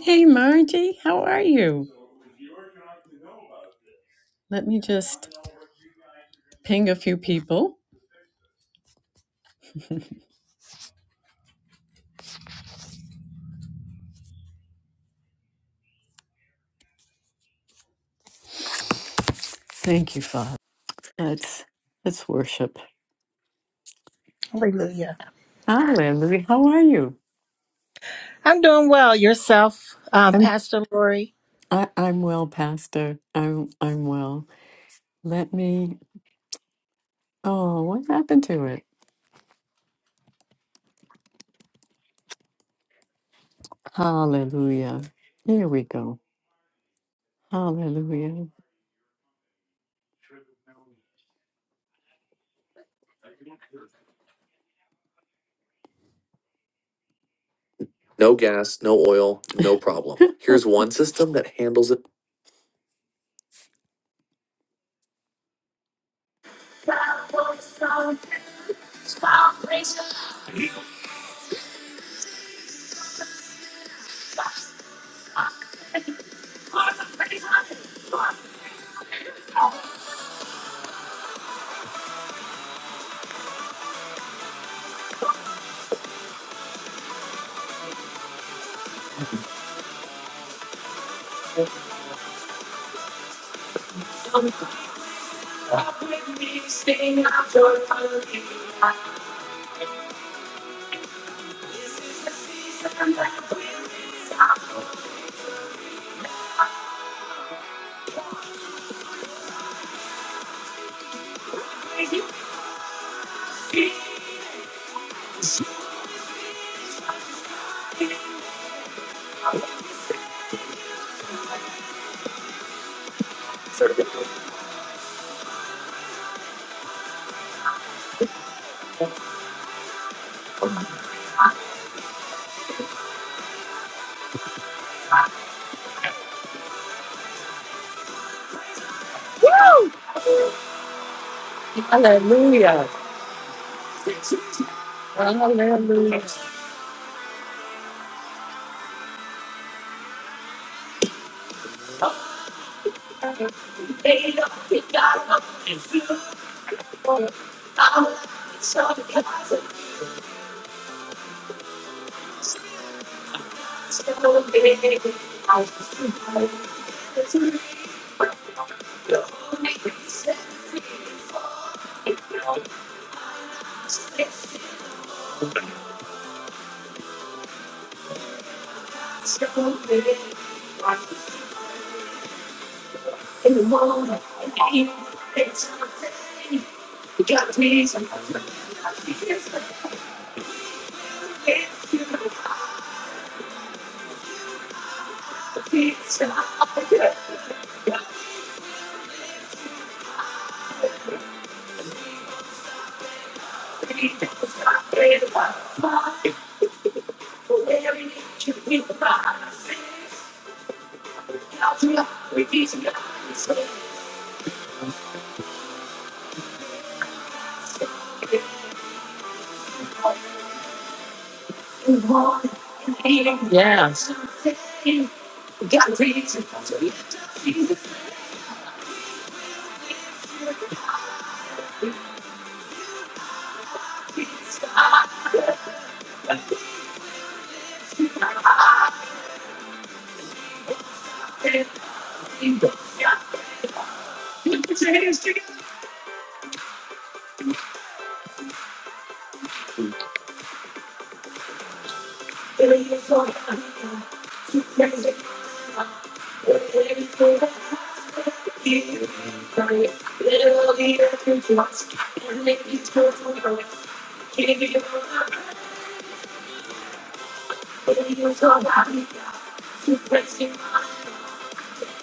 Hey, Margie, how are you? Let me just ping a few people. Thank you, Father. That's that's worship. Hallelujah. Hi, Lindsay. How are you? I'm doing well. Yourself, um, I'm Pastor Lori. I, I'm well, Pastor. I'm I'm well. Let me. Oh, what happened to it? Hallelujah. Here we go. Hallelujah. No gas, no oil, no problem. Here's one system that handles it. Yes.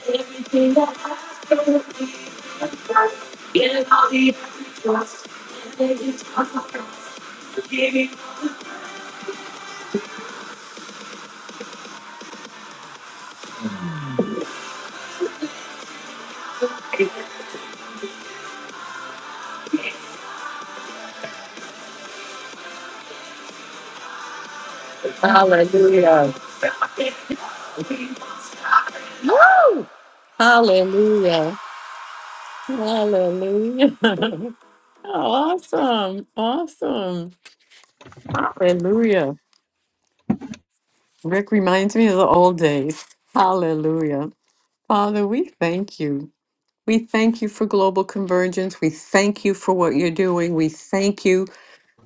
Everything that I do, I trust. in all the I trust, and it is Giving. Hallelujah. Woo! Hallelujah. Hallelujah. awesome. Awesome. Hallelujah. Rick reminds me of the old days. Hallelujah. Father, we thank you. We thank you for global convergence. We thank you for what you're doing. We thank you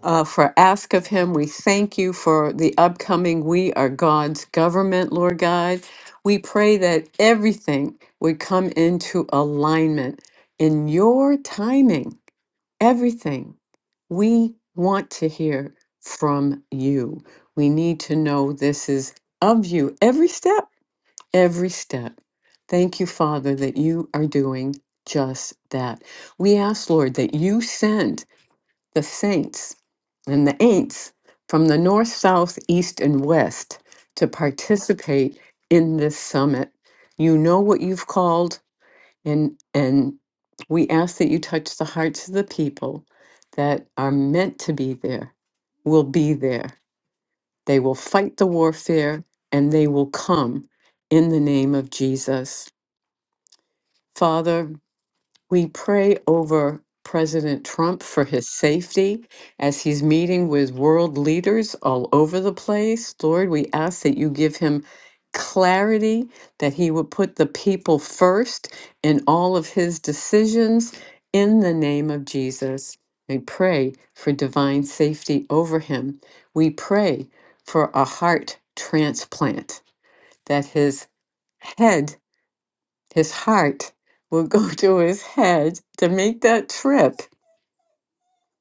uh, for Ask of Him. We thank you for the upcoming We Are God's Government, Lord God. We pray that everything would come into alignment in your timing, everything. We want to hear from you. We need to know this is of you every step, every step. Thank you, Father, that you are doing just that. We ask, Lord, that you send the saints and the ain'ts from the north, south, east, and west to participate in this summit. You know what you've called, and and we ask that you touch the hearts of the people that are meant to be there, will be there. They will fight the warfare and they will come in the name of Jesus. Father, we pray over President Trump for his safety as he's meeting with world leaders all over the place. Lord, we ask that you give him clarity, that he would put the people first in all of his decisions in the name of Jesus. We pray for divine safety over him. We pray for a heart transplant, that his head his heart will go to his head to make that trip,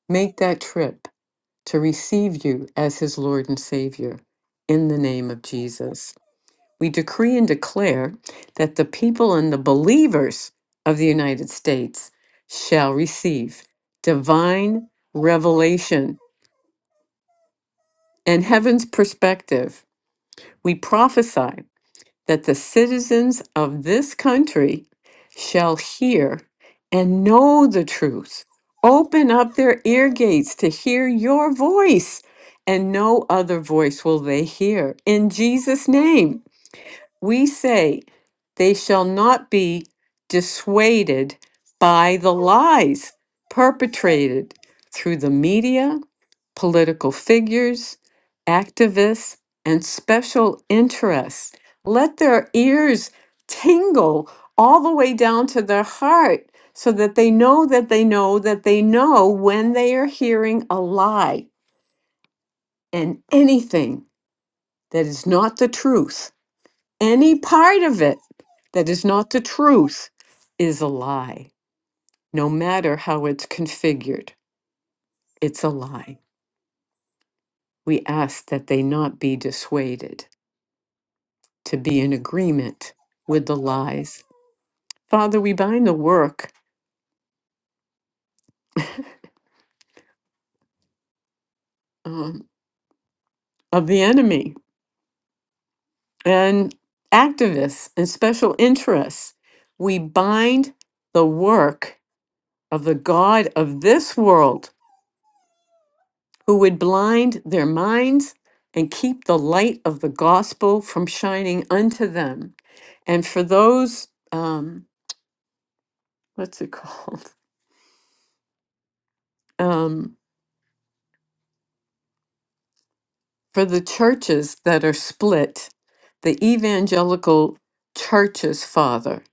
make that trip to receive you as his Lord and Savior in the name of Jesus. We decree and declare that the people and the believers of the United States shall receive divine revelation and heaven's perspective. We prophesy that the citizens of this country shall hear and know the truth. Open up their ear gates to hear your voice, and no other voice will they hear. In Jesus' name we say they shall not be dissuaded by the lies perpetrated through the media, political figures, activists, and special interests. Let their ears tingle all the way down to their heart so that they know that they know that they know when they are hearing a lie and anything that is not the truth any part of it that is not the truth is a lie, no matter how it's configured. It's a lie. We ask that they not be dissuaded to be in agreement with the lies. Father, we bind the work um, of the enemy and activists and special interests. We bind the work of the God of this world who would blind their minds and keep the light of the gospel from shining unto them. And for those, um, what's it called? Um, for the churches that are split, the evangelical churches, Father,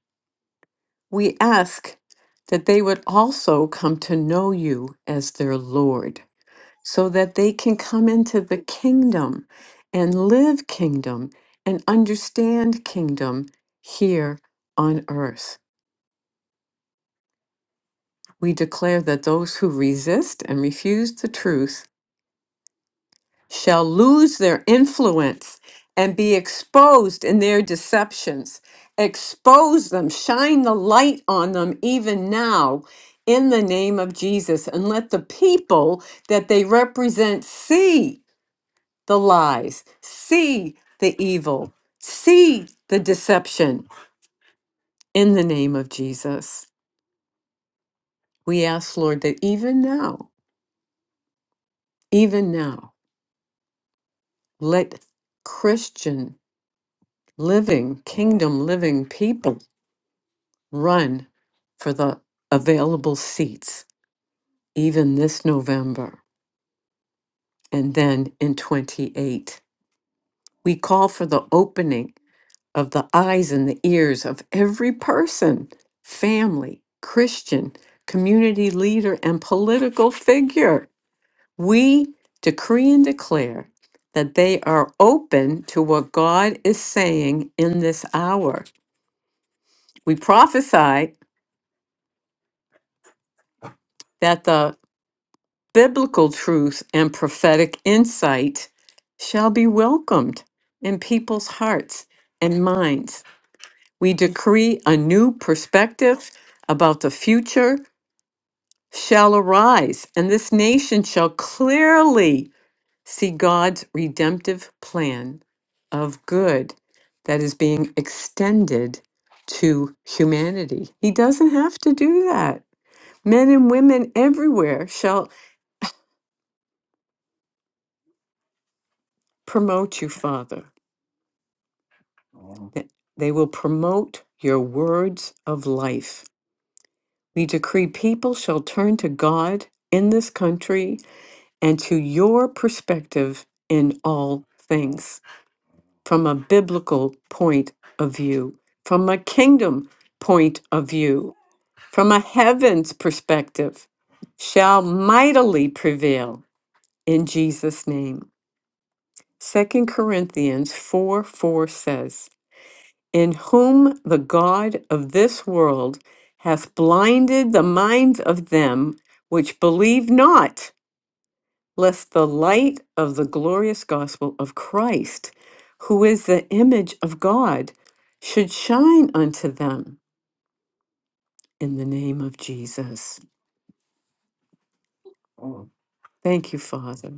we ask that they would also come to know you as their Lord so that they can come into the kingdom and live kingdom and understand kingdom here on earth. We declare that those who resist and refuse the truth shall lose their influence and be exposed in their deceptions. Expose them, shine the light on them even now in the name of Jesus, and let the people that they represent see the lies, see the evil, see the deception in the name of Jesus. We ask, Lord, that even now, even now, let Christian living, kingdom living people run for the available seats, even this November and then in 28. We call for the opening of the eyes and the ears of every person, family, Christian, community leader, and political figure. We decree and declare that they are open to what God is saying in this hour. We prophesy that the biblical truth and prophetic insight shall be welcomed in people's hearts and minds. We decree a new perspective about the future shall arise, and this nation shall clearly see God's redemptive plan of good that is being extended to humanity. He doesn't have to do that. Men and women everywhere shall promote you, Father. Th- They will promote your words of life. We decree people shall turn to God in this country and to your perspective in all things. from a biblical point of view, from a kingdom point of view, from a heaven's perspective, shall mightily prevail in Jesus' name. Second Corinthians 4 4 says, In whom the God of this world hath blinded the minds of them which believe not lest the light of the glorious gospel of Christ, who is the image of God, should shine unto them in the name of Jesus. Thank you, Father.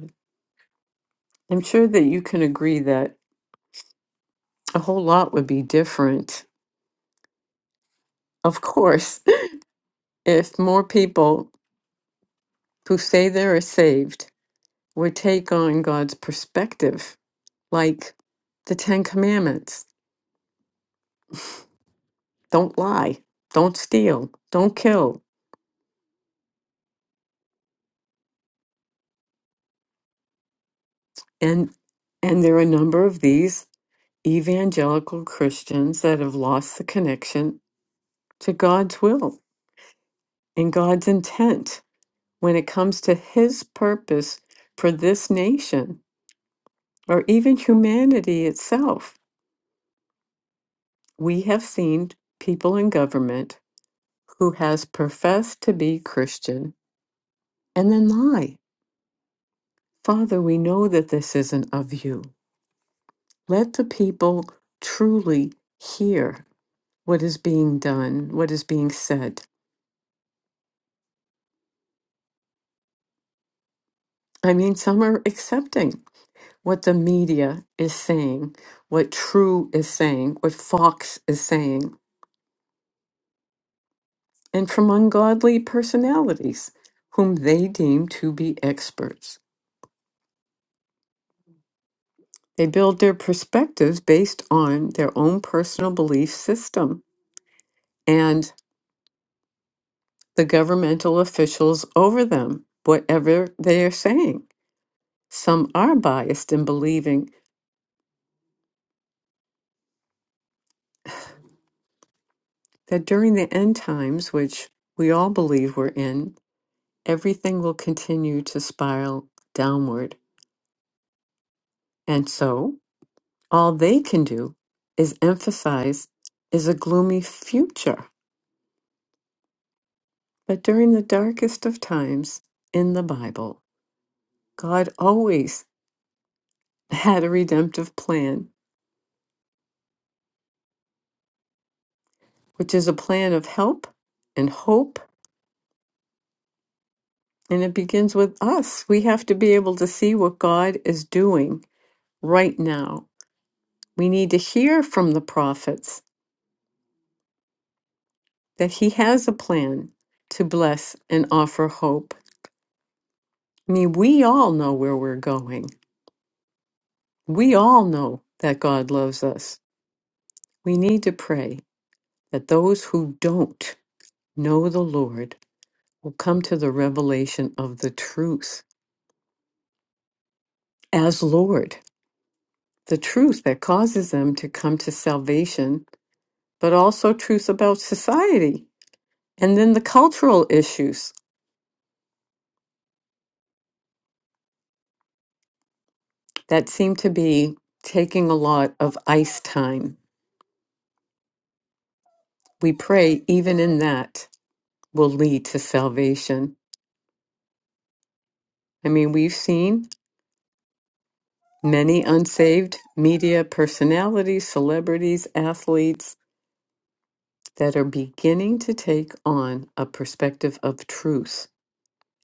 I'm sure that you can agree that a whole lot would be different, of course, if more people who say they are saved would take on God's perspective, like the Ten Commandments don't lie, don't steal, don't kill, And and there are a number of these evangelical Christians that have lost the connection to God's will and God's intent when it comes to his purpose for this nation or even humanity itself. We have seen people in government who has professed to be Christian and then lie. Father, we know that this isn't of you. Let the people truly hear what is being done, what is being said. I mean, some are accepting what the media is saying, what True is saying, what Fox is saying, and from ungodly personalities whom they deem to be experts. They build their perspectives based on their own personal belief system and the governmental officials over them, whatever they are saying. Some are biased in believing that during the end times, which we all believe we're in, everything will continue to spiral downward. And so, all they can do is emphasize is a gloomy future. But during the darkest of times in the Bible, God always had a redemptive plan, which is a plan of help and hope. And it begins with us. We have to be able to see what God is doing right now We need to hear from the prophets that he has a plan to bless and offer hope. I mean, we all know where we're going. We all know that God loves us. We need to pray that those who don't know the Lord will come to the revelation of the truth as Lord, the truth that causes them to come to salvation, but also truth about society and then the cultural issues that seemed to be taking a lot of ice time. We pray even in that will lead to salvation. I mean, we've seen many unsaved media personalities, celebrities, athletes that are beginning to take on a perspective of truth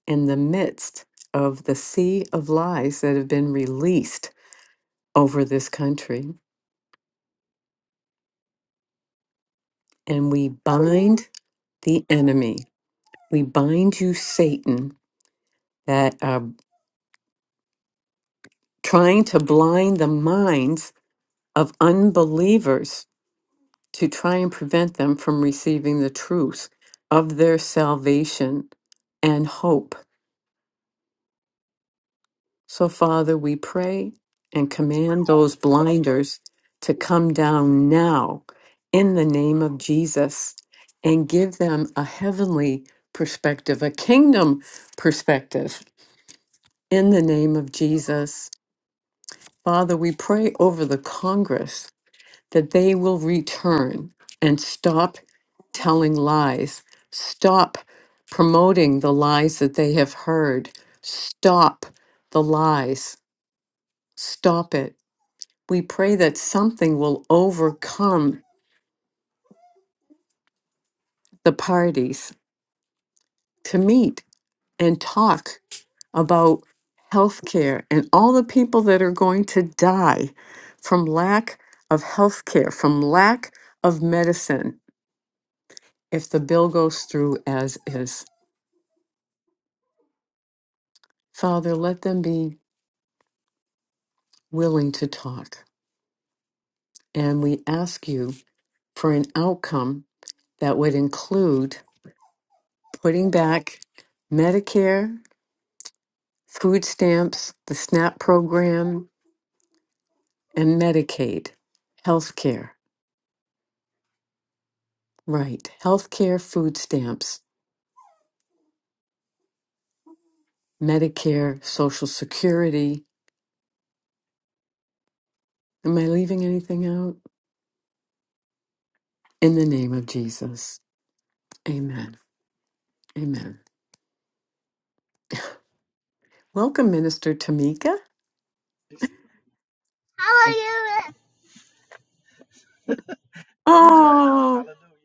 in the midst of the sea of lies that have been released over this country. And we bind the enemy. We bind you, Satan, that are trying to blind the minds of unbelievers to try and prevent them from receiving the truth of their salvation and hope. So, Father, we pray and command those blinders to come down now in the name of Jesus and give them a heavenly perspective, a kingdom perspective in the name of Jesus. Father, we pray over the Congress that they will return and stop telling lies, stop promoting the lies that they have heard, stop the lies, stop it. We pray that something will overcome the parties to meet and talk about health care and all the people that are going to die from lack of health care, from lack of medicine, if the bill goes through as is. Father, let them be willing to talk. And we ask you for an outcome that would include putting back Medicare, food stamps, the SNAP program, and Medicaid, health care. Right, health care, food stamps, Medicare, Social Security. Am I leaving anything out? In the name of Jesus. Amen. Amen. Welcome, Minister Tamika. Hallelujah. My granddaughter said, Oh. Hallelujah.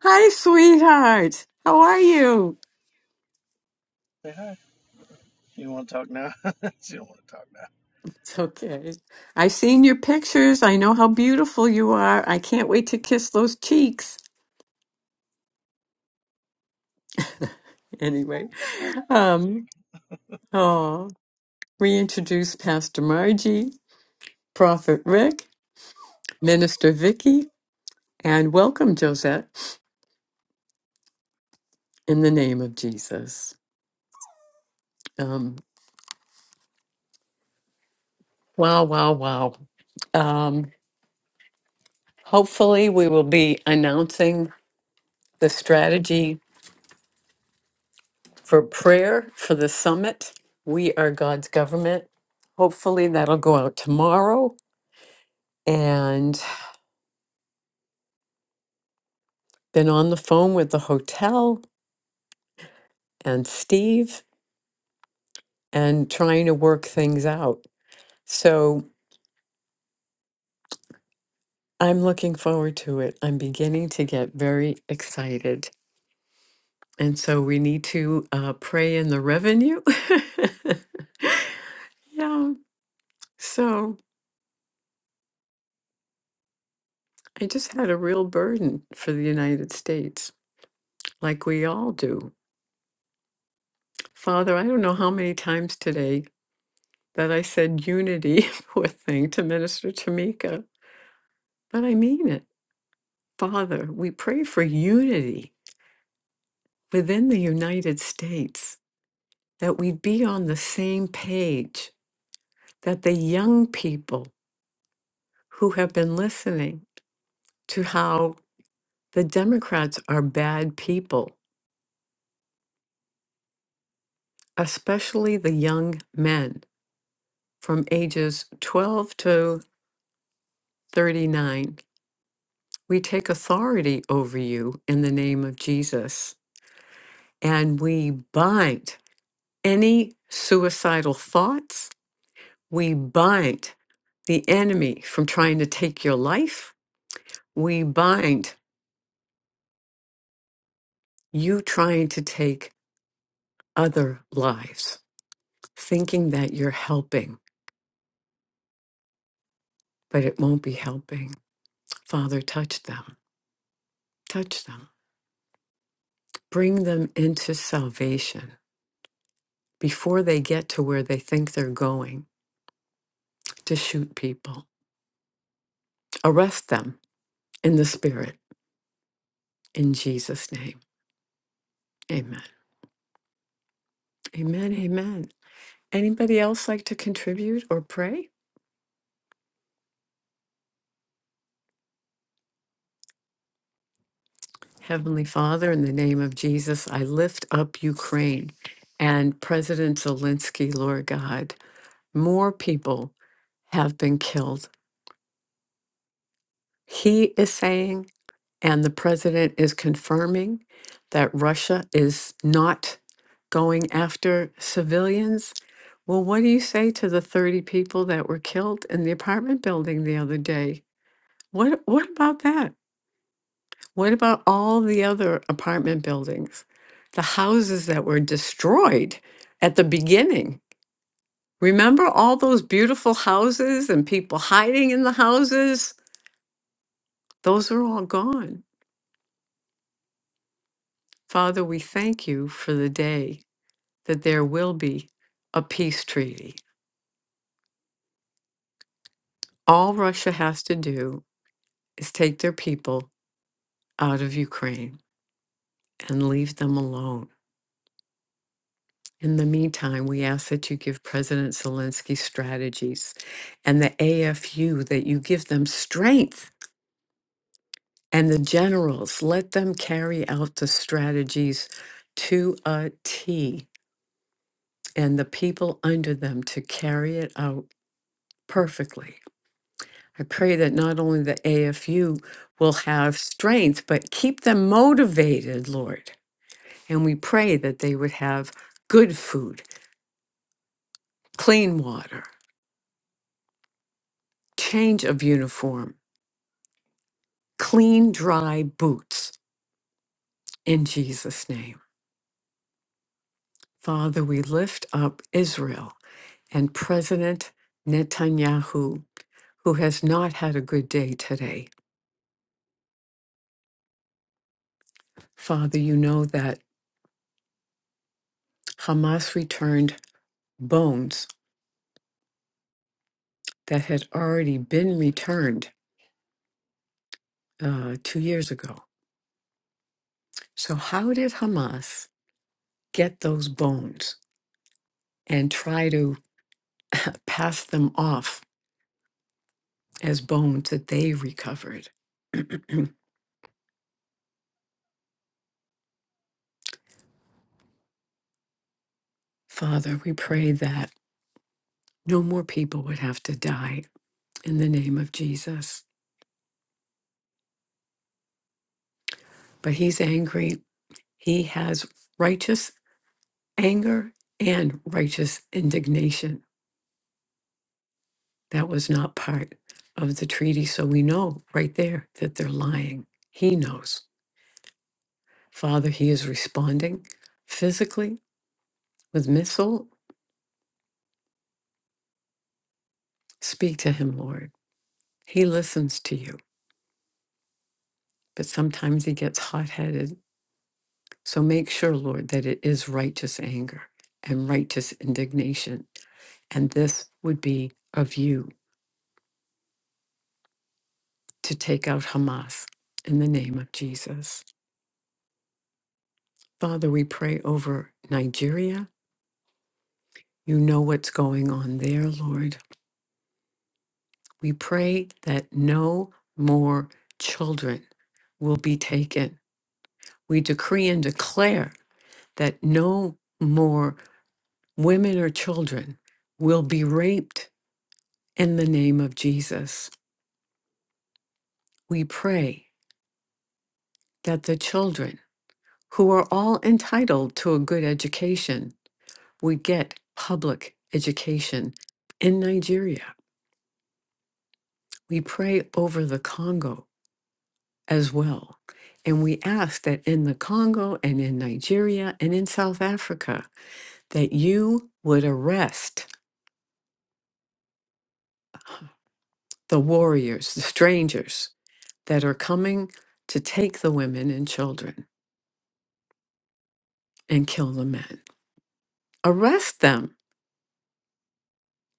Hi, sweetheart. How are you? Say hi. You want to talk now? she don't want to talk now. It's okay. I've seen your pictures. I know how beautiful you are. I can't wait to kiss those cheeks. Anyway, My hallelujah big. um, oh, reintroduce Pastor Margie, Prophet Rick, Minister Vicky, and welcome Josette in the name of Jesus. Um, wow, wow, wow. Um, hopefully, we will be announcing the strategy for prayer for the summit. We are God's government. Hopefully, that'll go out tomorrow. And been on the phone with the hotel and Steve and trying to work things out. So I'm looking forward to it. I'm beginning to get very excited. And so we need to uh, pray in the revenue. yeah. So I just had a real burden for the United States, like we all do. Father, I don't know how many times today that I said unity, poor thing, to Minister Tamika, but I mean it. Father, we pray for unity within the United States, that we be on the same page, that the young people who have been listening to how the Democrats are bad people, especially the young men from ages 12 to 39, We take authority over you in the name of Jesus, and we bind any suicidal thoughts. We bind the enemy from trying to take your life. We bind you trying to take other lives, thinking that you're helping, but it won't be helping. Father, touch them, touch them, bring them into salvation before they get to where they think they're going to shoot people. Arrest them in the spirit. In Jesus' name. Amen. Amen. Amen. Anybody else like to contribute or pray? Heavenly Father, in the name of Jesus, I lift up Ukraine and President Zelensky, Lord God. More people have been killed. He is saying And the president is confirming that Russia is not going after civilians. Well, what do you say to the 30 people that were killed in the apartment building the other day? What, what about that? What about all the other apartment buildings? The houses that were destroyed at the beginning? Remember all those beautiful houses and people hiding in the houses? Those are all gone. Father, we thank you for the day that there will be a peace treaty. All Russia has to do is take their people out of Ukraine and leave them alone. In the meantime, we ask that you give President Zelensky strategies and the AFU, that you give them strength and the generals, let them carry out the strategies to a T and the people under them to carry it out perfectly. I pray that not only the AFU will have strength, but keep them motivated, Lord. And we pray that they would have good food, clean water, change of uniform, clean, dry boots in Jesus' name. Father, we lift up Israel and President Netanyahu, who has not had a good day today. Father, you know that Hamas returned bones that had already been returned uh, two years ago. So, how did Hamas get those bones and try to pass them off as bones that they recovered? Father, we pray that no more people would have to die in the name of Jesus. But he's angry. He has righteous anger and righteous indignation. That was not part of the treaty. So we know right there that they're lying. He knows. Father, he is responding physically with missile. Speak to him, Lord. He listens to you, but sometimes he gets hot headed. So make sure, Lord, that it is righteous anger and righteous indignation. And this would be of you to take out Hamas in the name of Jesus. Father, we pray over Nigeria. You know what's going on there, Lord. We pray that no more children will be taken we decree and declare that no more women or children will be raped in the name of Jesus. We pray that the children who are all entitled to a good education would get public education in Nigeria. We pray over the Congo as well. And we ask that in the Congo and in Nigeria and in South Africa, that you would arrest the warriors, the strangers that are coming to take the women and children and kill the men. Arrest them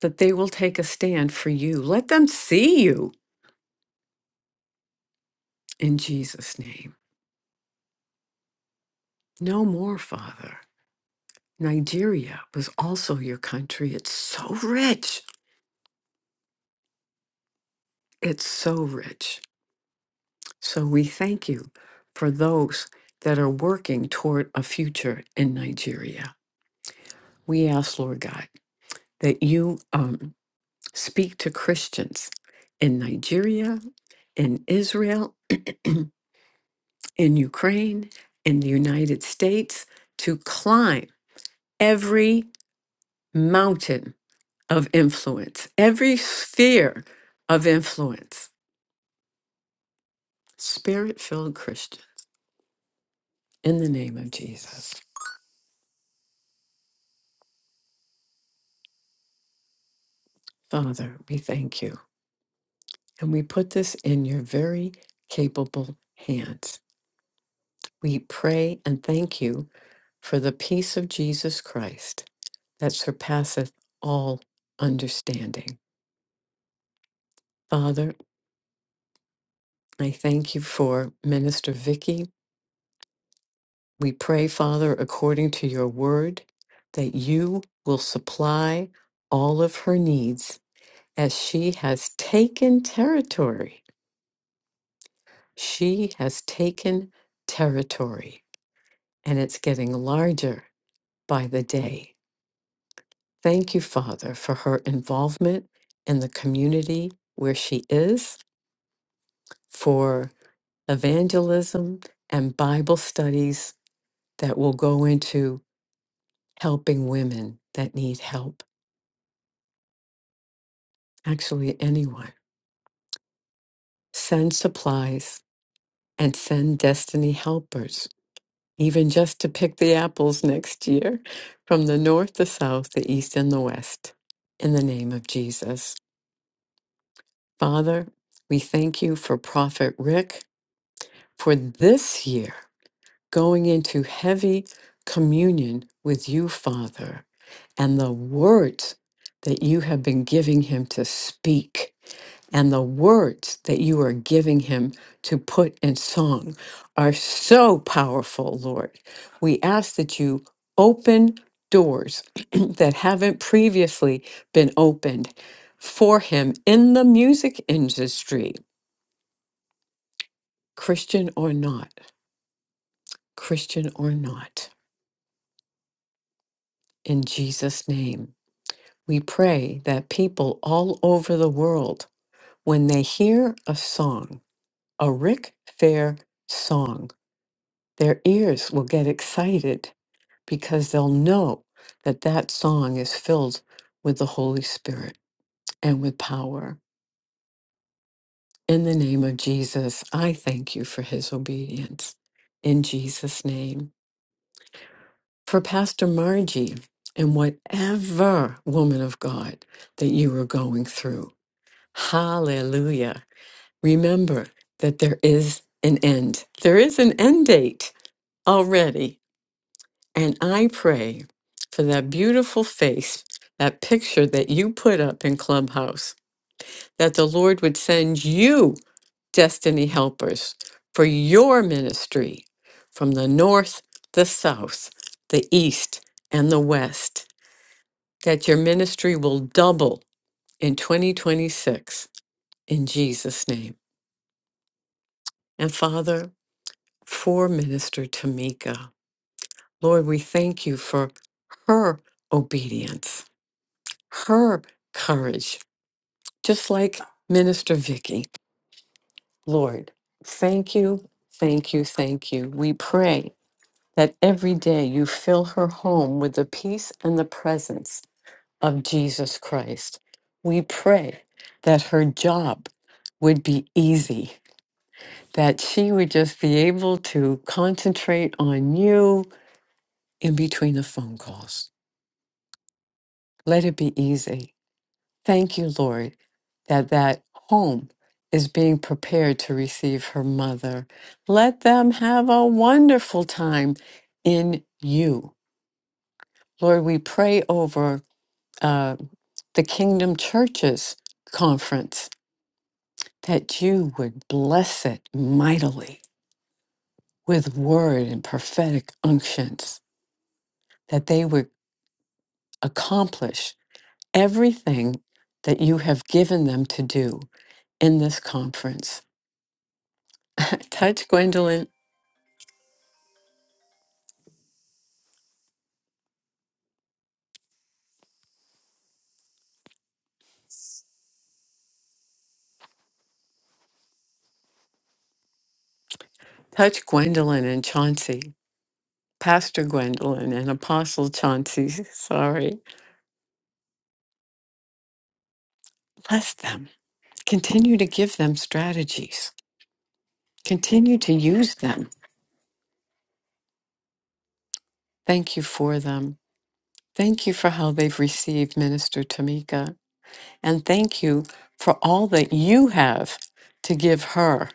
that they will take a stand for you. Let them see you in Jesus' name. No more, Father. Nigeria was also your country. It's so rich. It's so rich. So we thank you for those that are working toward a future in Nigeria. We ask, Lord God, that you um, speak to Christians in Nigeria, in Israel, in Ukraine, in the United States to climb every mountain of influence, every sphere of influence. Spirit filled Christian, in the name of Jesus. Father, we thank you. And we put this in your very capable hands. We pray and thank you for the peace of Jesus Christ that surpasseth all understanding. Father, I thank you for Minister Vicky. We pray, Father, according to your word, that you will supply all of her needs as she has taken territory. She has taken territory, and it's getting larger by the day. Thank you, Father, for her involvement in the community where she is, for evangelism and Bible studies that will go into helping women that need help, actually, anyone. Send supplies and send destiny helpers, even just to pick the apples next year from the north, the south, the east, and the west. In the name of Jesus. Father, we thank you for Prophet Rick for this year. going into heavy communion with you, Father, and the words that you have been giving him to speak and the words that you are giving him to put in song are so powerful, Lord. We ask that you open doors that haven't previously been opened for him in the music industry, Christian or not, Christian or not. In Jesus' name, we pray that people all over the world, when they hear a song, a Rick Fair song, their ears will get excited because they'll know that that song is filled with the Holy Spirit and with power. In the name of Jesus, I thank you for his obedience. In Jesus' name. For Pastor Margie and whatever woman of God that you are going through. Hallelujah. Remember that there is an end. There is an end date already. And I pray for that beautiful face, that picture that you put up in Clubhouse, that the Lord would send you destiny helpers for your ministry from the north, the south, the east, and the west, that your ministry will double in 2026 in Jesus' name. And Father, for Minister Tamika. Lord, we thank you for her obedience, her courage, just like Minister Vicky. Lord, thank you, thank you, thank you. We pray that every day you fill her home with the peace and the presence of Jesus Christ. We pray that her job would be easy, that she would just be able to concentrate on you, in between the phone calls. Let it be easy. Thank you, Lord, that that home is being prepared to receive her mother. Let them have a wonderful time in you. Lord, we pray over uh, the Kingdom Churches conference that you would bless it mightily with word and prophetic unctions, that they would accomplish everything that you have given them to do in this conference. touch Gwendolyn, touch Gwendolyn and Chauncey, Pastor Gwendolyn and Apostle Chauncey, sorry. Bless them. Continue to give them strategies. Continue to use them. Thank you for them. Thank you for how they've received Minister Tamika. And thank you for all that you have to give her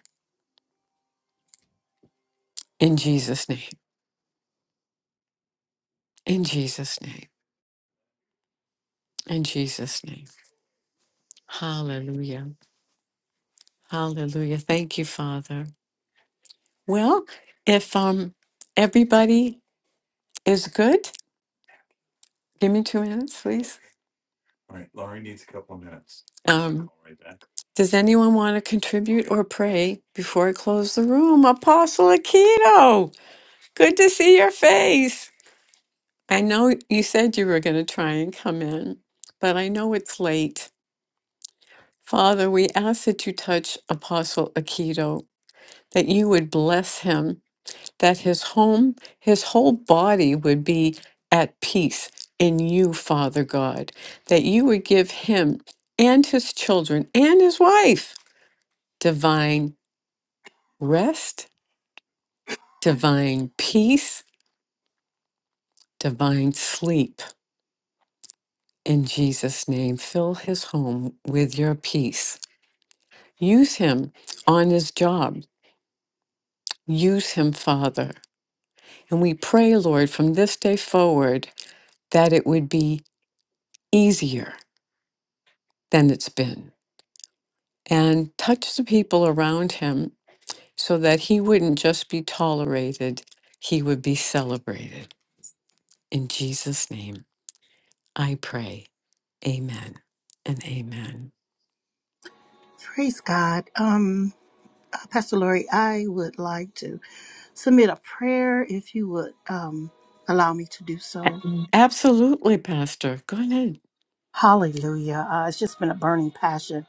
in Jesus' name. In Jesus' name. In Jesus' name. Hallelujah. Hallelujah. Thank you, Father. Well, if um everybody is good, give me two minutes, please. Um, does anyone want to contribute or pray before I close the room? Apostle Aquino, good to see your face. I know you said you were going to try and come in, but I know it's late. Father, we ask that you touch Apostle Aquino, that you would bless him that his home, his whole body would be at peace in you, Father God, that you would give him and his children and his wife divine rest, divine peace, divine sleep. In Jesus' name, fill his home with your peace. Use him on his job. Use him, Father. And we pray, Lord, from this day forward, that it would be easier than it's been and touch the people around him so that he wouldn't just be tolerated, he would be celebrated. In Jesus' name, I pray. Amen and amen. Praise God. Um, uh, Pastor Lori, I would like to submit a prayer if you would um, allow me to do so. Absolutely, Pastor. Go ahead. Hallelujah. Uh, it's just been a burning passion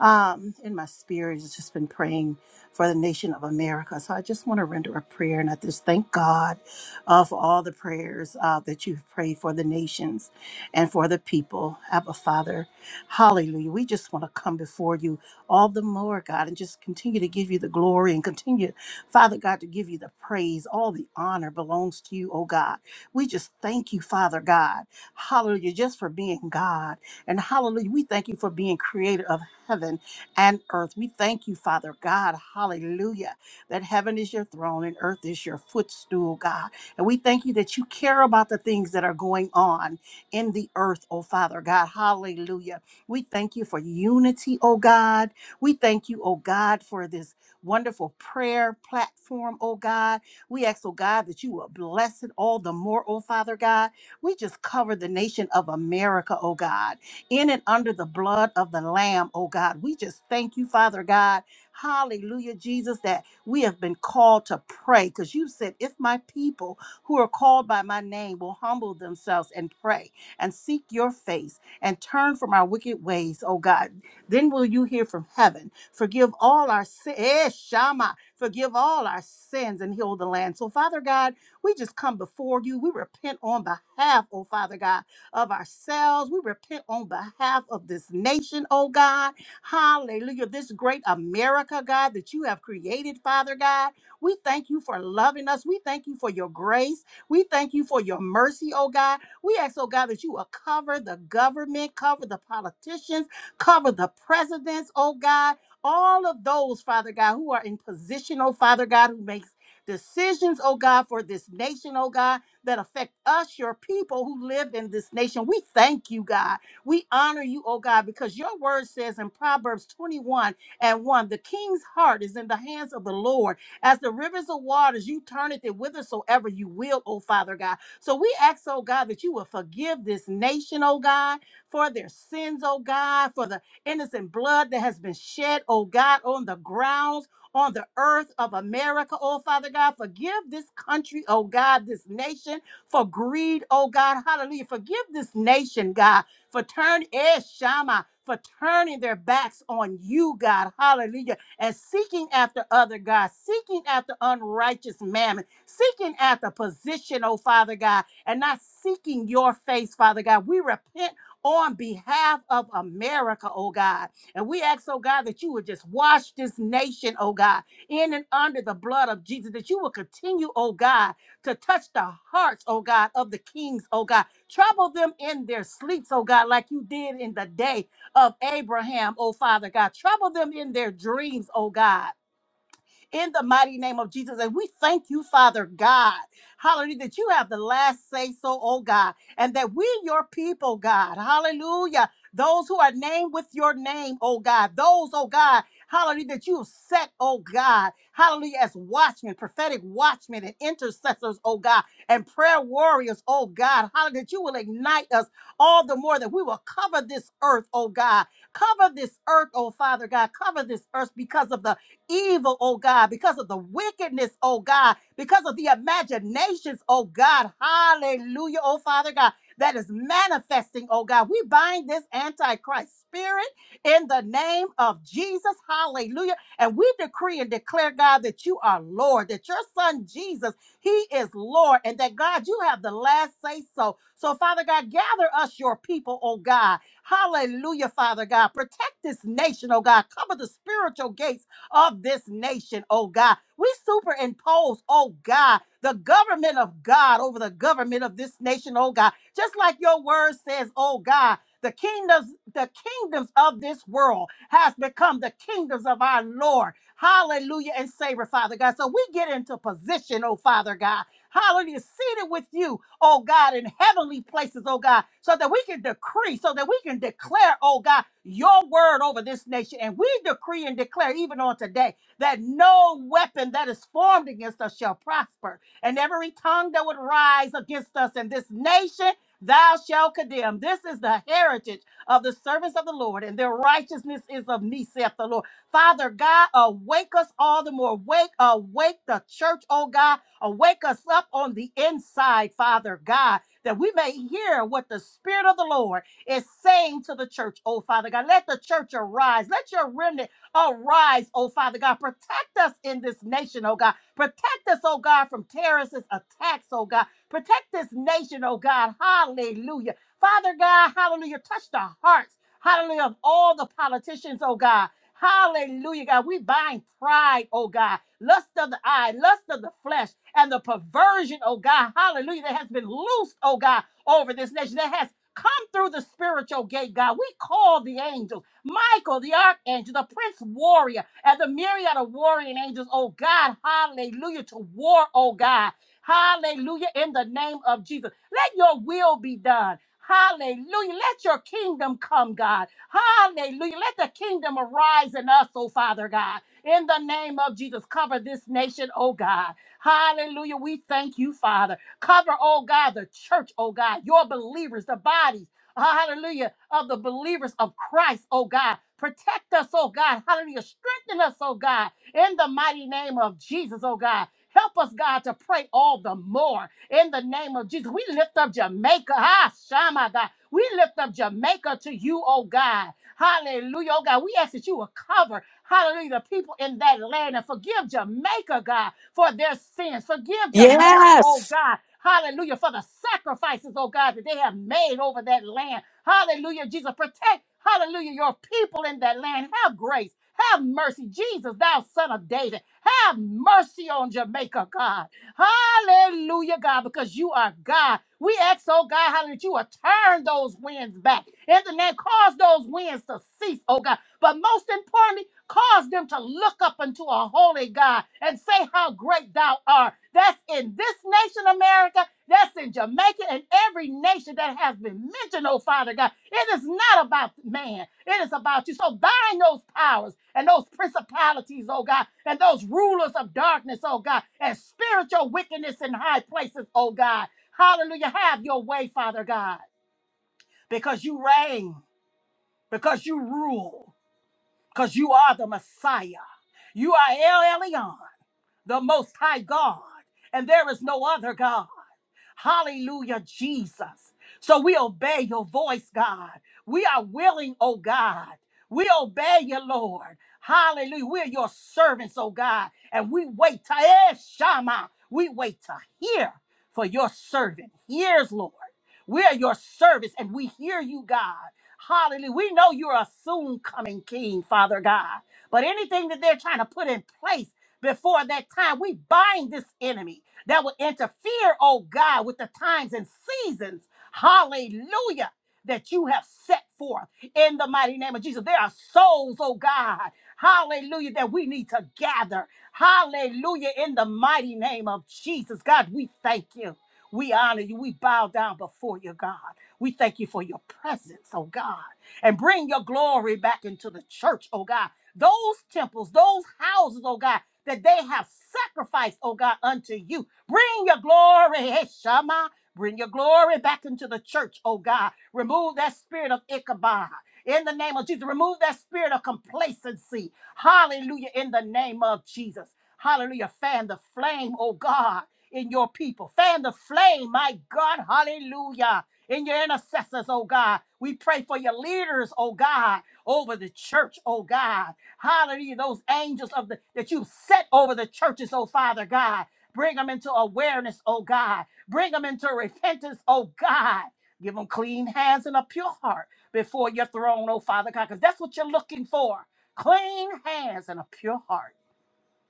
um, in my spirit. It's just been praying for the nation of America. So I just want to render a prayer and I just thank God uh, for all the prayers uh, that you've prayed for the nations and for the people. Abba, Father, hallelujah. We just want to come before you all the more, God, and just continue to give you the glory and continue, Father God, to give you the praise. All the honor belongs to you, oh God. We just thank you, Father God. Hallelujah, just for being God. And hallelujah, we thank you for being creator of heaven and earth. We thank you, Father God. Hallelujah, that heaven is your throne and earth is your footstool, God. And we thank you that you care about the things that are going on in the earth, oh Father God. Hallelujah. We thank you for unity, oh God. We thank you, oh God, for this wonderful prayer platform, oh God. We ask, oh God, that you will bless it all the more, oh Father God. We just cover the nation of America, oh God, in and under the blood of the Lamb, oh God. We just thank you, Father God. Hallelujah, Jesus, that we have been called to pray because you said, if my people who are called by my name will humble themselves and pray and seek your face and turn from our wicked ways, oh God, then will you hear from heaven. Forgive all our sins, Shama, forgive all our sins and heal the land. So, Father God, we just come before you. We repent on behalf, oh Father God, of ourselves. We repent on behalf of this nation, oh God. Hallelujah. This great America, God, that you have created, Father God. We thank you for loving us. We thank you for your grace. We thank you for your mercy, oh God. We ask, oh God, that you will cover the government, cover the politicians, cover the presidents, oh God all of those, Father God, who are in position, oh Father God, who makes Decisions, oh God, for this nation, oh God, that affect us, your people who live in this nation. We thank you, God. We honor you, oh God, because your word says in Proverbs 21 and 1 the king's heart is in the hands of the Lord. As the rivers of waters, you turn it to whithersoever you will, oh Father God. So we ask, oh God, that you will forgive this nation, oh God, for their sins, oh God, for the innocent blood that has been shed, oh God, on the grounds on the earth of America, oh Father God. Forgive this country, oh God, this nation for greed, oh God. Hallelujah. Forgive this nation, God, for turning Shama, for turning their backs on you, God. Hallelujah. And seeking after other God, seeking after unrighteous mammon, seeking after position, oh Father God, and not seeking your face, Father God. We repent on behalf of America, oh God. And we ask, oh God, that you would just wash this nation, oh God, in and under the blood of Jesus, that you will continue, oh God, to touch the hearts, oh God, of the kings, oh God. Trouble them in their sleeps, oh God, like you did in the day of Abraham, oh Father God. Trouble them in their dreams, oh God in the mighty name of Jesus. And we thank you, Father God, hallelujah, that you have the last say so, oh God, and that we, your people, God, hallelujah, those who are named with your name, oh God, those, oh God, hallelujah, that you have set, oh God, hallelujah, as watchmen, prophetic watchmen and intercessors, oh God, and prayer warriors, oh God, hallelujah, that you will ignite us all the more that we will cover this earth, oh God, cover this earth, oh Father God, cover this earth because of the evil, oh God, because of the wickedness, oh God, because of the imaginations, oh God. Hallelujah, oh Father God, that is manifesting, oh God. We bind this antichrist spirit in the name of Jesus. Hallelujah. And we decree and declare, God, that you are Lord, that your son Jesus, he is Lord, and that God, you have the last say so. So, Father God, gather us your people, oh God. Hallelujah, Father God. Protect this nation, oh God. Cover the spiritual gates of this nation, oh God. We superimpose, oh God, the government of God over the government of this nation, oh God. Just like your word says, oh God, the kingdoms, the kingdoms of this world has become the kingdoms of our Lord. Hallelujah and Savior, Father God. So we get into position, oh Father God. Hallelujah, seated with you oh God, in heavenly places, oh God, so that we can decree, so that we can declare, oh God, your word over this nation. And we decree and declare, even on today, that no weapon that is formed against us shall prosper, and every tongue that would rise against us in this nation. Thou shalt condemn. This is the heritage of the servants of the Lord, and their righteousness is of me, saith the Lord. Father God, awake us all the more. Wake, awake the church, oh God Awake us up on the inside, Father God, that we may hear what the Spirit of the Lord is saying to the church, oh Father God. Let the church arise. Let your remnant arise, oh Father God. Protect us in this nation, oh God. Protect us, oh God, from terrorist attacks, oh God. Protect this nation, oh God. Hallelujah. Father God, hallelujah. Touch the hearts, hallelujah, of all the politicians, oh God. Hallelujah, God. We bind pride, oh God lust of the eye, lust of the flesh, and the perversion, oh God, hallelujah, that has been loosed, oh God, over this nation, that has come through the spiritual gate, God. We call the angels, Michael, the archangel, the prince warrior, and the myriad of warring angels, oh God, hallelujah, to war, oh God. Hallelujah, in the name of Jesus. Let your will be done. Hallelujah. Let your kingdom come, God. Hallelujah. Let the kingdom arise in us, oh Father God. In the name of Jesus, cover this nation, oh God. Hallelujah. We thank you, Father. Cover, oh God, the church, oh God, your believers, the bodies, hallelujah, of the believers of Christ, oh God. Protect us, oh God. Hallelujah. Strengthen us, oh God, in the mighty name of Jesus, oh God. Help us, God, to pray all the more in the name of Jesus. We lift up Jamaica. Ah, Shama, God. We lift up Jamaica to you, oh God. Hallelujah. Oh God, we ask that you will cover, hallelujah, the people in that land and forgive Jamaica, God, for their sins. Forgive Jamaica, oh God. Hallelujah, for the sacrifices, oh God, that they have made over that land. Hallelujah, Jesus, protect, hallelujah, your people in that land. Have grace, have mercy. Jesus, thou son of David, have mercy on Jamaica, God. Hallelujah, God, because you are God. We ask, oh God, hallelujah, that you will turn those winds back. In the name, cause those winds to cease, oh God. But most importantly, Cause them to look up unto a holy God and say how great thou art. That's in this nation, America. That's in Jamaica and every nation that has been mentioned, oh Father God. It is not about man, it is about you. So bind those powers and those principalities, oh God, and those rulers of darkness, oh God, and spiritual wickedness in high places, oh God. Hallelujah. Have your way, Father God, because you reign, because you rule because you are the Messiah. You are El Elyon, the Most High God, and there is no other God. Hallelujah, Jesus. So we obey your voice, God. We are willing, oh God. We obey you, Lord. Hallelujah. We're your servants, oh God. And we wait to eh, Shama. We wait to hear for your servant. Hears, Lord. We are your service and we hear you, God. Hallelujah. We know you're a soon coming king, Father God. But anything that they're trying to put in place before that time, we bind this enemy that would interfere, oh God, with the times and seasons, hallelujah, that you have set forth in the mighty name of Jesus. There are souls, oh God, hallelujah, that we need to gather, hallelujah, in the mighty name of Jesus. God, we thank you. We honor you. We bow down before you, God. We thank you for your presence, oh God, and bring your glory back into the church, oh God. Those temples, those houses, oh God, that they have sacrificed, oh God, unto you. Bring your glory, hey, Shama. Bring your glory back into the church, oh God. Remove that spirit of Ichabod. In the name of Jesus, remove that spirit of complacency. Hallelujah. In the name of Jesus. Hallelujah. Fan the flame, oh God, in your people. Fan the flame, my God. Hallelujah. In your intercessors, oh God. We pray for your leaders, oh God, over the church, oh God. Hallelujah. Those angels of the that you've set over the churches, oh Father God. Bring them into awareness, oh God. Bring them into repentance, oh God. Give them clean hands and a pure heart before your throne, oh Father God, because that's what you're looking for. Clean hands and a pure heart.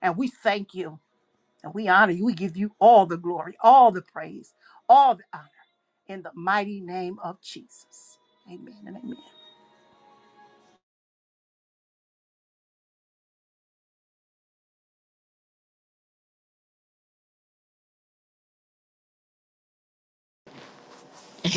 And we thank you and we honor you. We give you all the glory, all the praise, all the honor in the mighty name of Jesus. Amen and amen.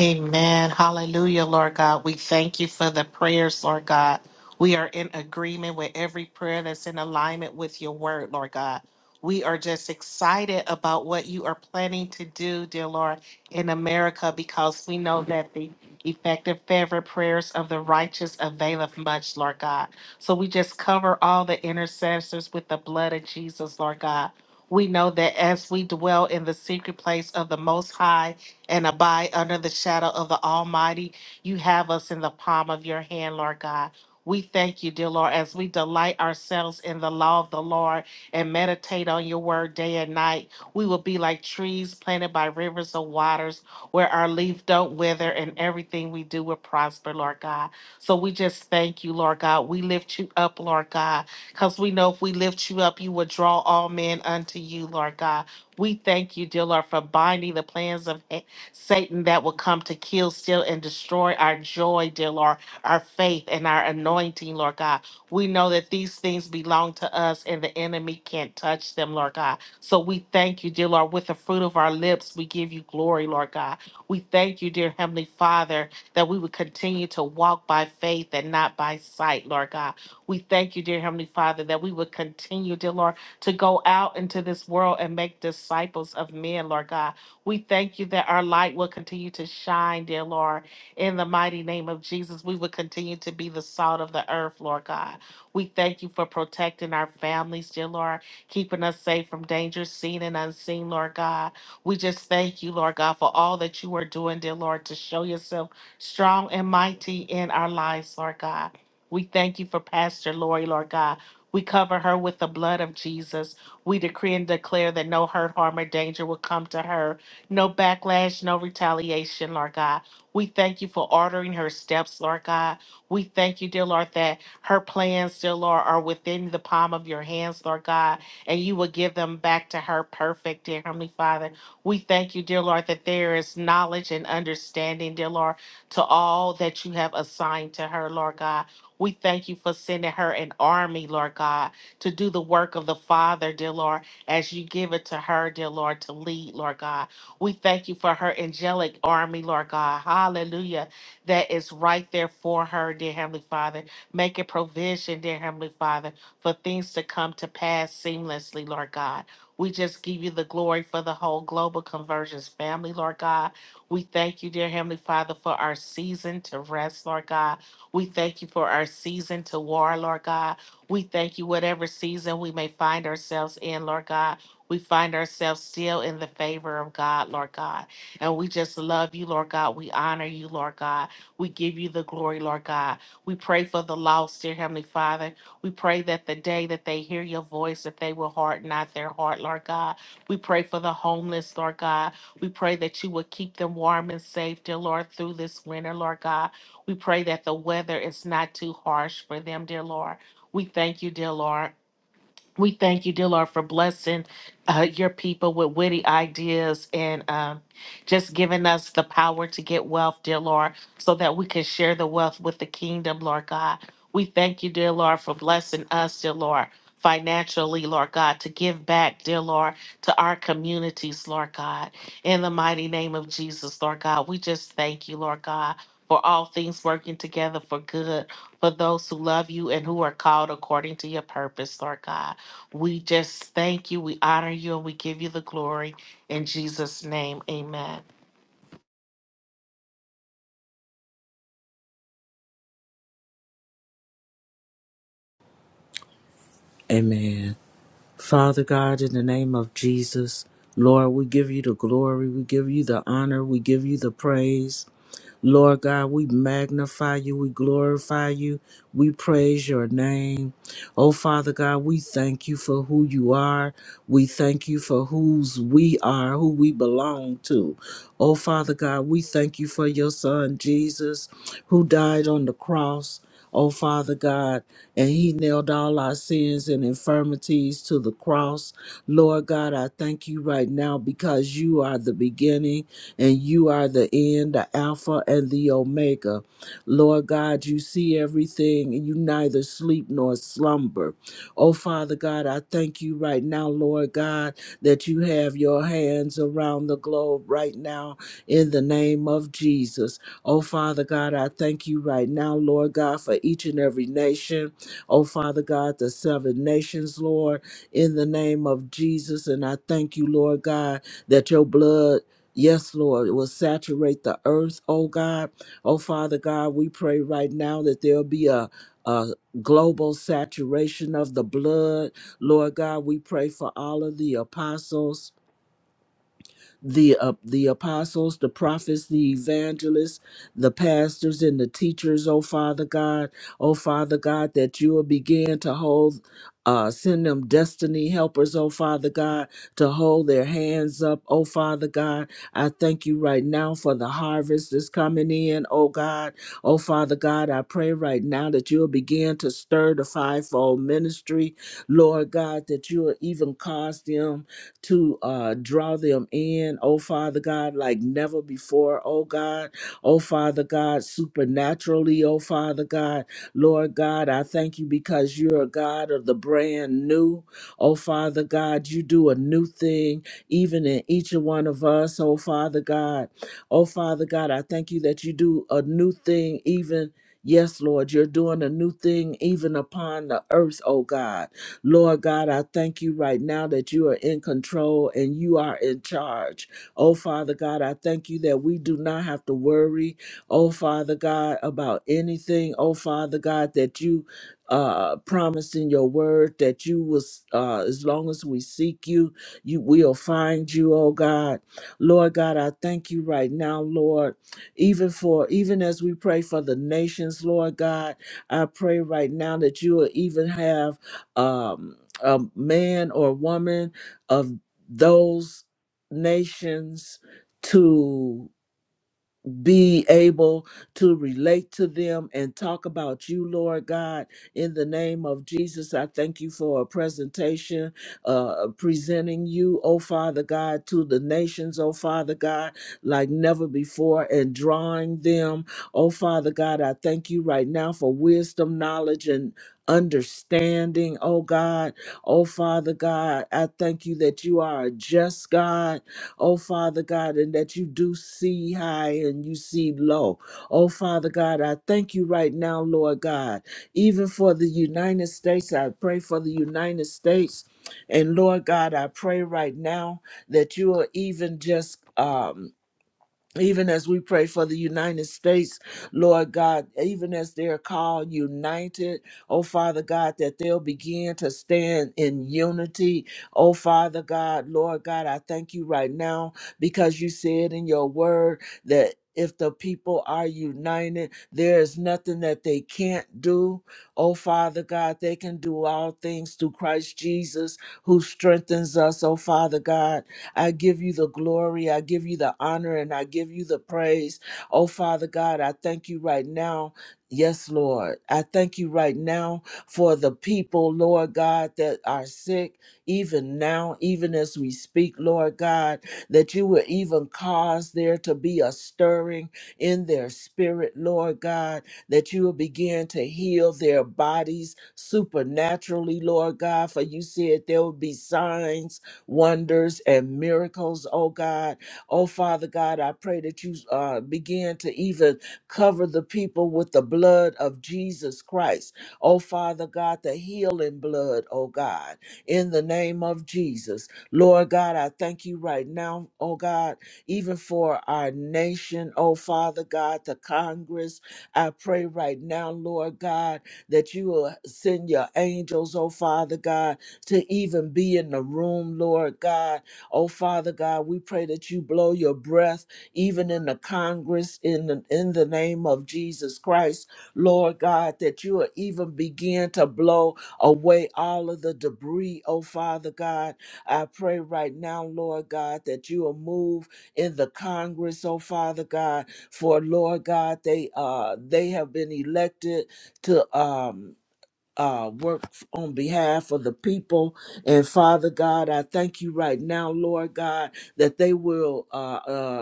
Amen. Hallelujah, Lord God. We thank you for the prayers, Lord God. We are in agreement with every prayer that's in alignment with your word, Lord God. We are just excited about what you are planning to do, dear Lord, in America because we know that the effective, fervent prayers of the righteous availeth much, Lord God. So we just cover all the intercessors with the blood of Jesus, Lord God. We know that as we dwell in the secret place of the Most High, and abide under the shadow of the Almighty. You have us in the palm of your hand, Lord God. We thank you, dear Lord, as we delight ourselves in the law of the Lord and meditate on your word day and night. We will be like trees planted by rivers of waters where our leaf don't wither and everything we do will prosper, Lord God. So we just thank you, Lord God. We lift you up, Lord God, because we know if we lift you up, you will draw all men unto you, Lord God. We thank you, dear Lord, for binding the plans of he- Satan that will come to kill, steal, and destroy our joy, dear Lord, our faith and our anointing, Lord God. We know that these things belong to us and the enemy can't touch them, Lord God. So we thank you, dear Lord, with the fruit of our lips, we give you glory, Lord God. We thank you, dear Heavenly Father, that we would continue to walk by faith and not by sight, Lord God. We thank you, dear Heavenly Father, that we would continue, dear Lord, to go out into this world and make disciples of men, Lord God. We thank you that our light will continue to shine, dear Lord. In the mighty name of Jesus, we will continue to be the salt of the earth, Lord God. We thank you for protecting our families, dear Lord, keeping us safe from danger, seen and unseen, Lord God. We just thank you, Lord God, for all that you are doing, dear Lord, to show yourself strong and mighty in our lives, Lord God. We thank you for Pastor Lori, Lord God. We cover her with the blood of Jesus. We decree and declare that no hurt, harm, or danger will come to her no backlash, no retaliation, Lord God. We thank you for ordering her steps, Lord God. We thank you, dear Lord, that her plans, dear Lord, are within the palm of your hands, Lord God, and you will give them back to her perfect, dear Heavenly Father. We thank you, dear Lord, that there is knowledge and understanding, dear Lord, to all that you have assigned to her, Lord God. We thank you for sending her an army, Lord God, to do the work of the Father, dear Lord, as you give it to her, dear Lord, to lead, Lord God. We thank you for her angelic army, Lord God. Hallelujah. That is right there for her, dear Heavenly Father. Make a provision, dear Heavenly Father, for things to come to pass seamlessly, Lord God. We just give you the glory for the whole global conversions family, Lord God. We thank you, dear Heavenly Father, for our season to rest, Lord God. We thank you for our season to war, Lord God. We thank you, whatever season we may find ourselves in, Lord God. We find ourselves still in the favor of God, Lord God. And we just love you, Lord God. We honor you, Lord God. We give you the glory, Lord God. We pray for the lost, dear Heavenly Father. We pray that the day that they hear your voice, that they will harden not their heart, Lord God. We pray for the homeless, Lord God. We pray that you would keep them warm and safe, dear Lord, through this winter, Lord God. We pray that the weather is not too harsh for them, dear Lord. We thank you, dear Lord. We thank you, dear Lord, for blessing uh, your people with witty ideas and um, just giving us the power to get wealth, dear Lord, so that we can share the wealth with the kingdom, Lord God. We thank you, dear Lord, for blessing us, dear Lord, financially, Lord God, to give back, dear Lord, to our communities, Lord God. In the mighty name of Jesus, Lord God, we just thank you, Lord God, for all things working together for good for those who love you and who are called according to your purpose, Lord God. We just thank you, we honor you, and we give you the glory. In Jesus' name, amen. Amen. Father God, in the name of Jesus, Lord, we give you the glory, we give you the honor, we give you the praise. Lord God, we magnify you, we glorify you, we praise your name. Oh, Father God, we thank you for who you are. We thank you for whose we are, who we belong to. Oh, Father God, we thank you for your son, Jesus, who died on the cross. Oh, Father God, and He nailed all our sins and infirmities to the cross. Lord God, I thank you right now because you are the beginning and you are the end, the Alpha, and the Omega. Lord God, you see everything, and you neither sleep nor slumber. Oh, Father God, I thank you right now, Lord God, that you have your hands around the globe right now in the name of Jesus. Oh, Father God, I thank you right now, Lord God, for each and every nation. Oh, Father God, the seven nations, Lord, in the name of Jesus. And I thank you, Lord God, that your blood Yes, Lord, it will saturate the earth, oh God. Oh, Father God, we pray right now that there'll be a, a global saturation of the blood. Lord God, we pray for all of the apostles the uh, the apostles, the prophets, the evangelists, the pastors, and the teachers. Oh Father God, oh Father God, that you will begin to hold. Uh, send them destiny helpers, oh Father God, to hold their hands up, oh Father God. I thank you right now for the harvest that's coming in, oh God. Oh Father God, I pray right now that you'll begin to stir the fivefold ministry, Lord God, that you'll even cause them to uh, draw them in, oh Father God, like never before, oh God, oh Father God, supernaturally, oh Father God, Lord God, I thank you because you're a God of the brand new, oh Father God, you do a new thing even in each one of us, oh Father God, oh Father God, I thank you that you do a new thing even. Yes, Lord, you're doing a new thing even upon the earth, oh God. Lord God, I thank you right now that you are in control and you are in charge. Oh, Father God, I thank you that we do not have to worry, oh, Father God, about anything. Oh, Father God, that you uh promised in your word that you was uh as long as we seek you you will find you oh god lord god i thank you right now lord even for even as we pray for the nations lord god i pray right now that you will even have um, a man or woman of those nations to be able to relate to them and talk about you, Lord God. In the name of Jesus, I thank you for a presentation, uh, presenting you, oh Father God, to the nations, oh Father God, like never before, and drawing them, oh Father God. I thank you right now for wisdom, knowledge, and understanding, oh God, oh Father God. I thank you that you are a just God Oh, Father God, and that you do see high and you see low. Oh, Father God, I thank you right now, Lord God, even for the United States. I pray for the United States. And Lord God, I pray right now that you are even just. Um, even as we pray for the United States, Lord God, even as they're called united, oh Father God, that they'll begin to stand in unity. Oh Father God, Lord God, I thank you right now because you said in your word that. If the people are united, there is nothing that they can't do. Oh, Father God, they can do all things through Christ Jesus who strengthens us. Oh, Father God. I give you the glory. I give you the honor and I give you the praise. Oh, Father God, I thank you right now. Yes, Lord. I thank you right now for the people, Lord God, that are sick, even now, even as we speak, Lord God, that you will even cause there to be a stirring in their spirit, Lord God, that you will begin to heal their bodies supernaturally, Lord God, for you said there will be signs wonders and miracles, oh God. Oh Father God, I pray that you uh, begin to even cover the people with the blood of Jesus Christ. Oh Father God, the healing blood, oh God, in the name of Jesus. Lord God, I thank you right now, oh God, even for our nation, oh Father God, the Congress. I pray right now, Lord God, that you will send your angels, oh Father God to even be in the room, Lord God. Oh, Father God, we pray that you blow your breath even in the Congress in the, in the name of Jesus Christ, Lord God, that you will even begin to blow away all of the debris, oh, Father God. I pray right now, Lord God, that you will move in the Congress, oh, Father God, for Lord God, they uh they have been elected to um uh, work on behalf of the people. And Father God, I thank you right now, Lord God, that they will. Uh, uh,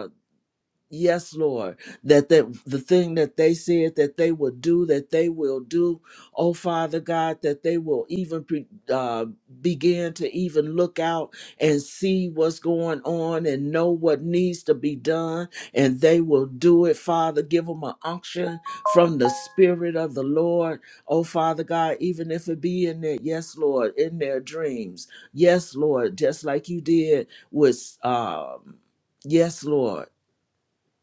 Yes, Lord, that the, the thing that they said that they will do, that they will do, oh Father God, that they will even pre, uh, begin to even look out and see what's going on and know what needs to be done, and they will do it, Father. Give them an unction from the Spirit of the Lord, oh Father God, even if it be in their, yes, Lord, in their dreams. Yes, Lord, just like you did with, um, yes, Lord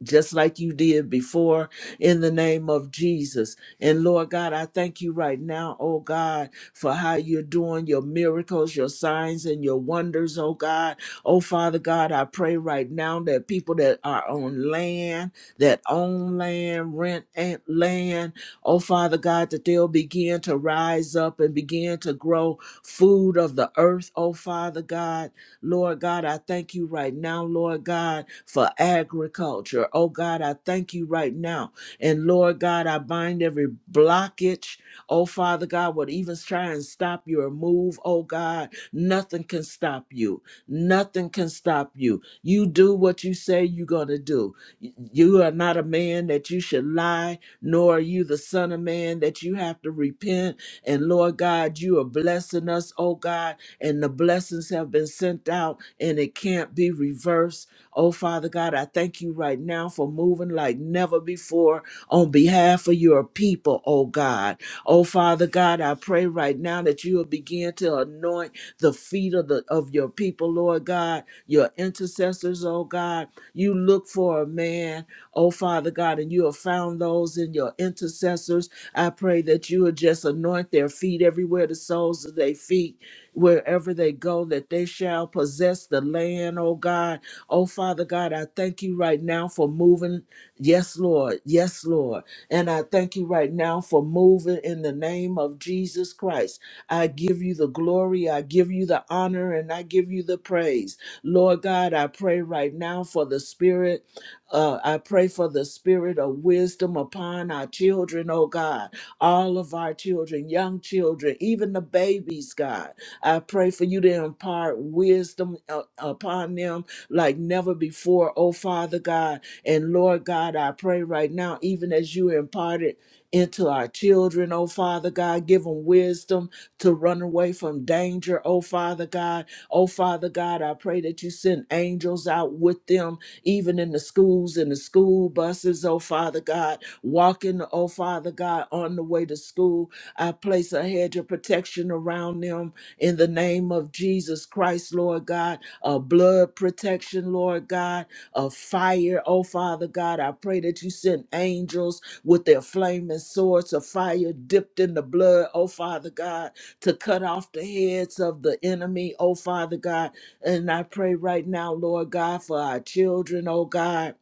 just like you did before in the name of Jesus. And Lord God, I thank you right now, oh God, for how you're doing your miracles, your signs, and your wonders, oh God. Oh Father God, I pray right now that people that are on land, that own land, rent and land, oh Father God, that they'll begin to rise up and begin to grow food of the earth, oh Father God. Lord God, I thank you right now, Lord God, for agriculture. Oh God, I thank you right now. And Lord God, I bind every blockage. Oh Father God, what even try and stop your move, oh God, nothing can stop you. Nothing can stop you. You do what you say you're going to do. You are not a man that you should lie, nor are you the son of man that you have to repent. And Lord God, you are blessing us, oh God, and the blessings have been sent out and it can't be reversed. Oh Father God, I thank you right now for moving like never before on behalf of your people, oh God. Oh Father God, I pray right now that you will begin to anoint the feet of the of your people, Lord God, your intercessors, oh oh God. You look for a man, oh Father God, and you have found those in your intercessors. I pray that you would just anoint their feet everywhere, the soles of their feet, wherever they go, that they shall possess the land, oh God. Oh Father God, I thank you right now for moving. Yes, Lord. Yes, Lord. And I thank you right now for moving in the name of Jesus Christ. I give you the glory, I give you the honor, and I give you the praise. Lord God, I pray right now for the spirit. Uh, I pray for the spirit of wisdom upon our children, oh God, all of our children, young children, even the babies, God. I pray for you to impart wisdom uh, upon them like never before, oh Father God. And Lord God, I pray right now, even as you imparted into our children, oh Father God, give them wisdom to run away from danger, oh Father God. Oh Father God, I pray that you send angels out with them, even in the schools, in the school buses, oh Father God, walking, oh Father God, on the way to school. I place a hedge of protection around them in the name of Jesus Christ, Lord God, a blood protection, Lord God, a fire, oh Father God. I pray that you send angels with their flaming swords of fire dipped in the blood, oh Father God to cut off the heads of the enemy, oh Father God. And I pray right now, Lord God, for our children, oh God.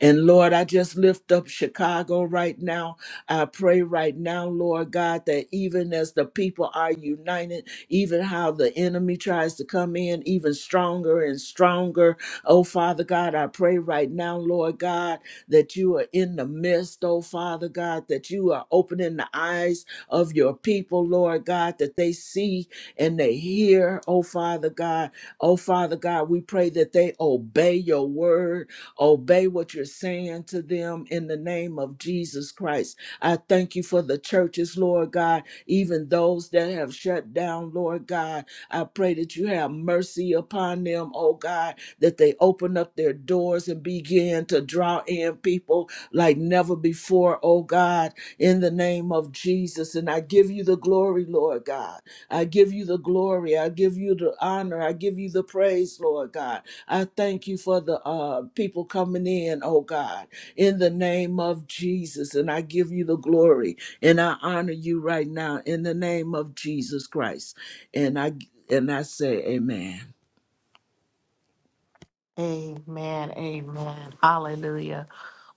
And Lord, I just lift up Chicago right now. I pray right now, Lord God, that even as the people are united, even how the enemy tries to come in even stronger and stronger. Oh, Father God, I pray right now, Lord God, that you are in the midst, oh, Father God, that you are opening the eyes of your people, Lord God, that they see and they hear, oh, Father God. Oh, Father God, we pray that they obey your word Obey what you're saying to them in the name of Jesus Christ. I thank you for the churches, Lord God, even those that have shut down, Lord God. I pray that you have mercy upon them, oh God, that they open up their doors and begin to draw in people like never before, oh God, in the name of Jesus. And I give you the glory, Lord God. I give you the glory. I give you the honor. I give you the praise, Lord God. I thank you for the uh, people coming in, oh God, in the name of Jesus. And I give you the glory and I honor you right now in the name of Jesus Christ. And I and I say, Amen. Amen. Amen. Hallelujah.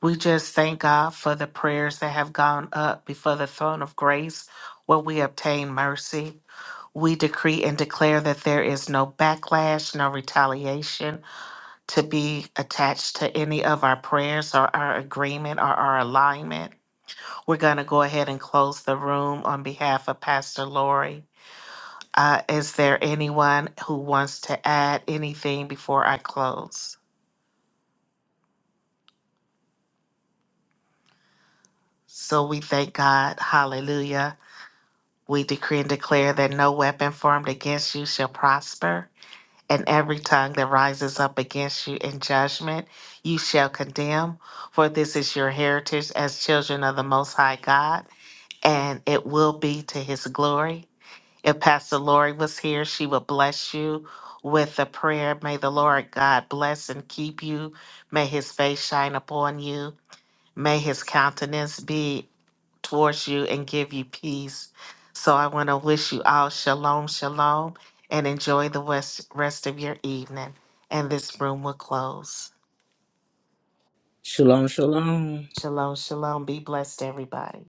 We just thank God for the prayers that have gone up before the throne of grace where we obtain mercy. We decree and declare that there is no backlash, no retaliation to be attached to any of our prayers or our agreement or our alignment. We're going to go ahead and close the room on behalf of Pastor Lori. Uh, is there anyone who wants to add anything before I close? So we thank God. Hallelujah. We decree and declare that no weapon formed against you shall prosper, and every tongue that rises up against you in judgment you shall condemn. For this is your heritage as children of the Most High God, and it will be to his glory. If Pastor Lori was here, she would bless you with a prayer. May the Lord God bless and keep you. May his face shine upon you. May his countenance be towards you and give you peace. So I want to wish you all shalom, shalom, and enjoy the west, rest of your evening. And this room will close. Shalom, shalom. Shalom, shalom. Be blessed, everybody.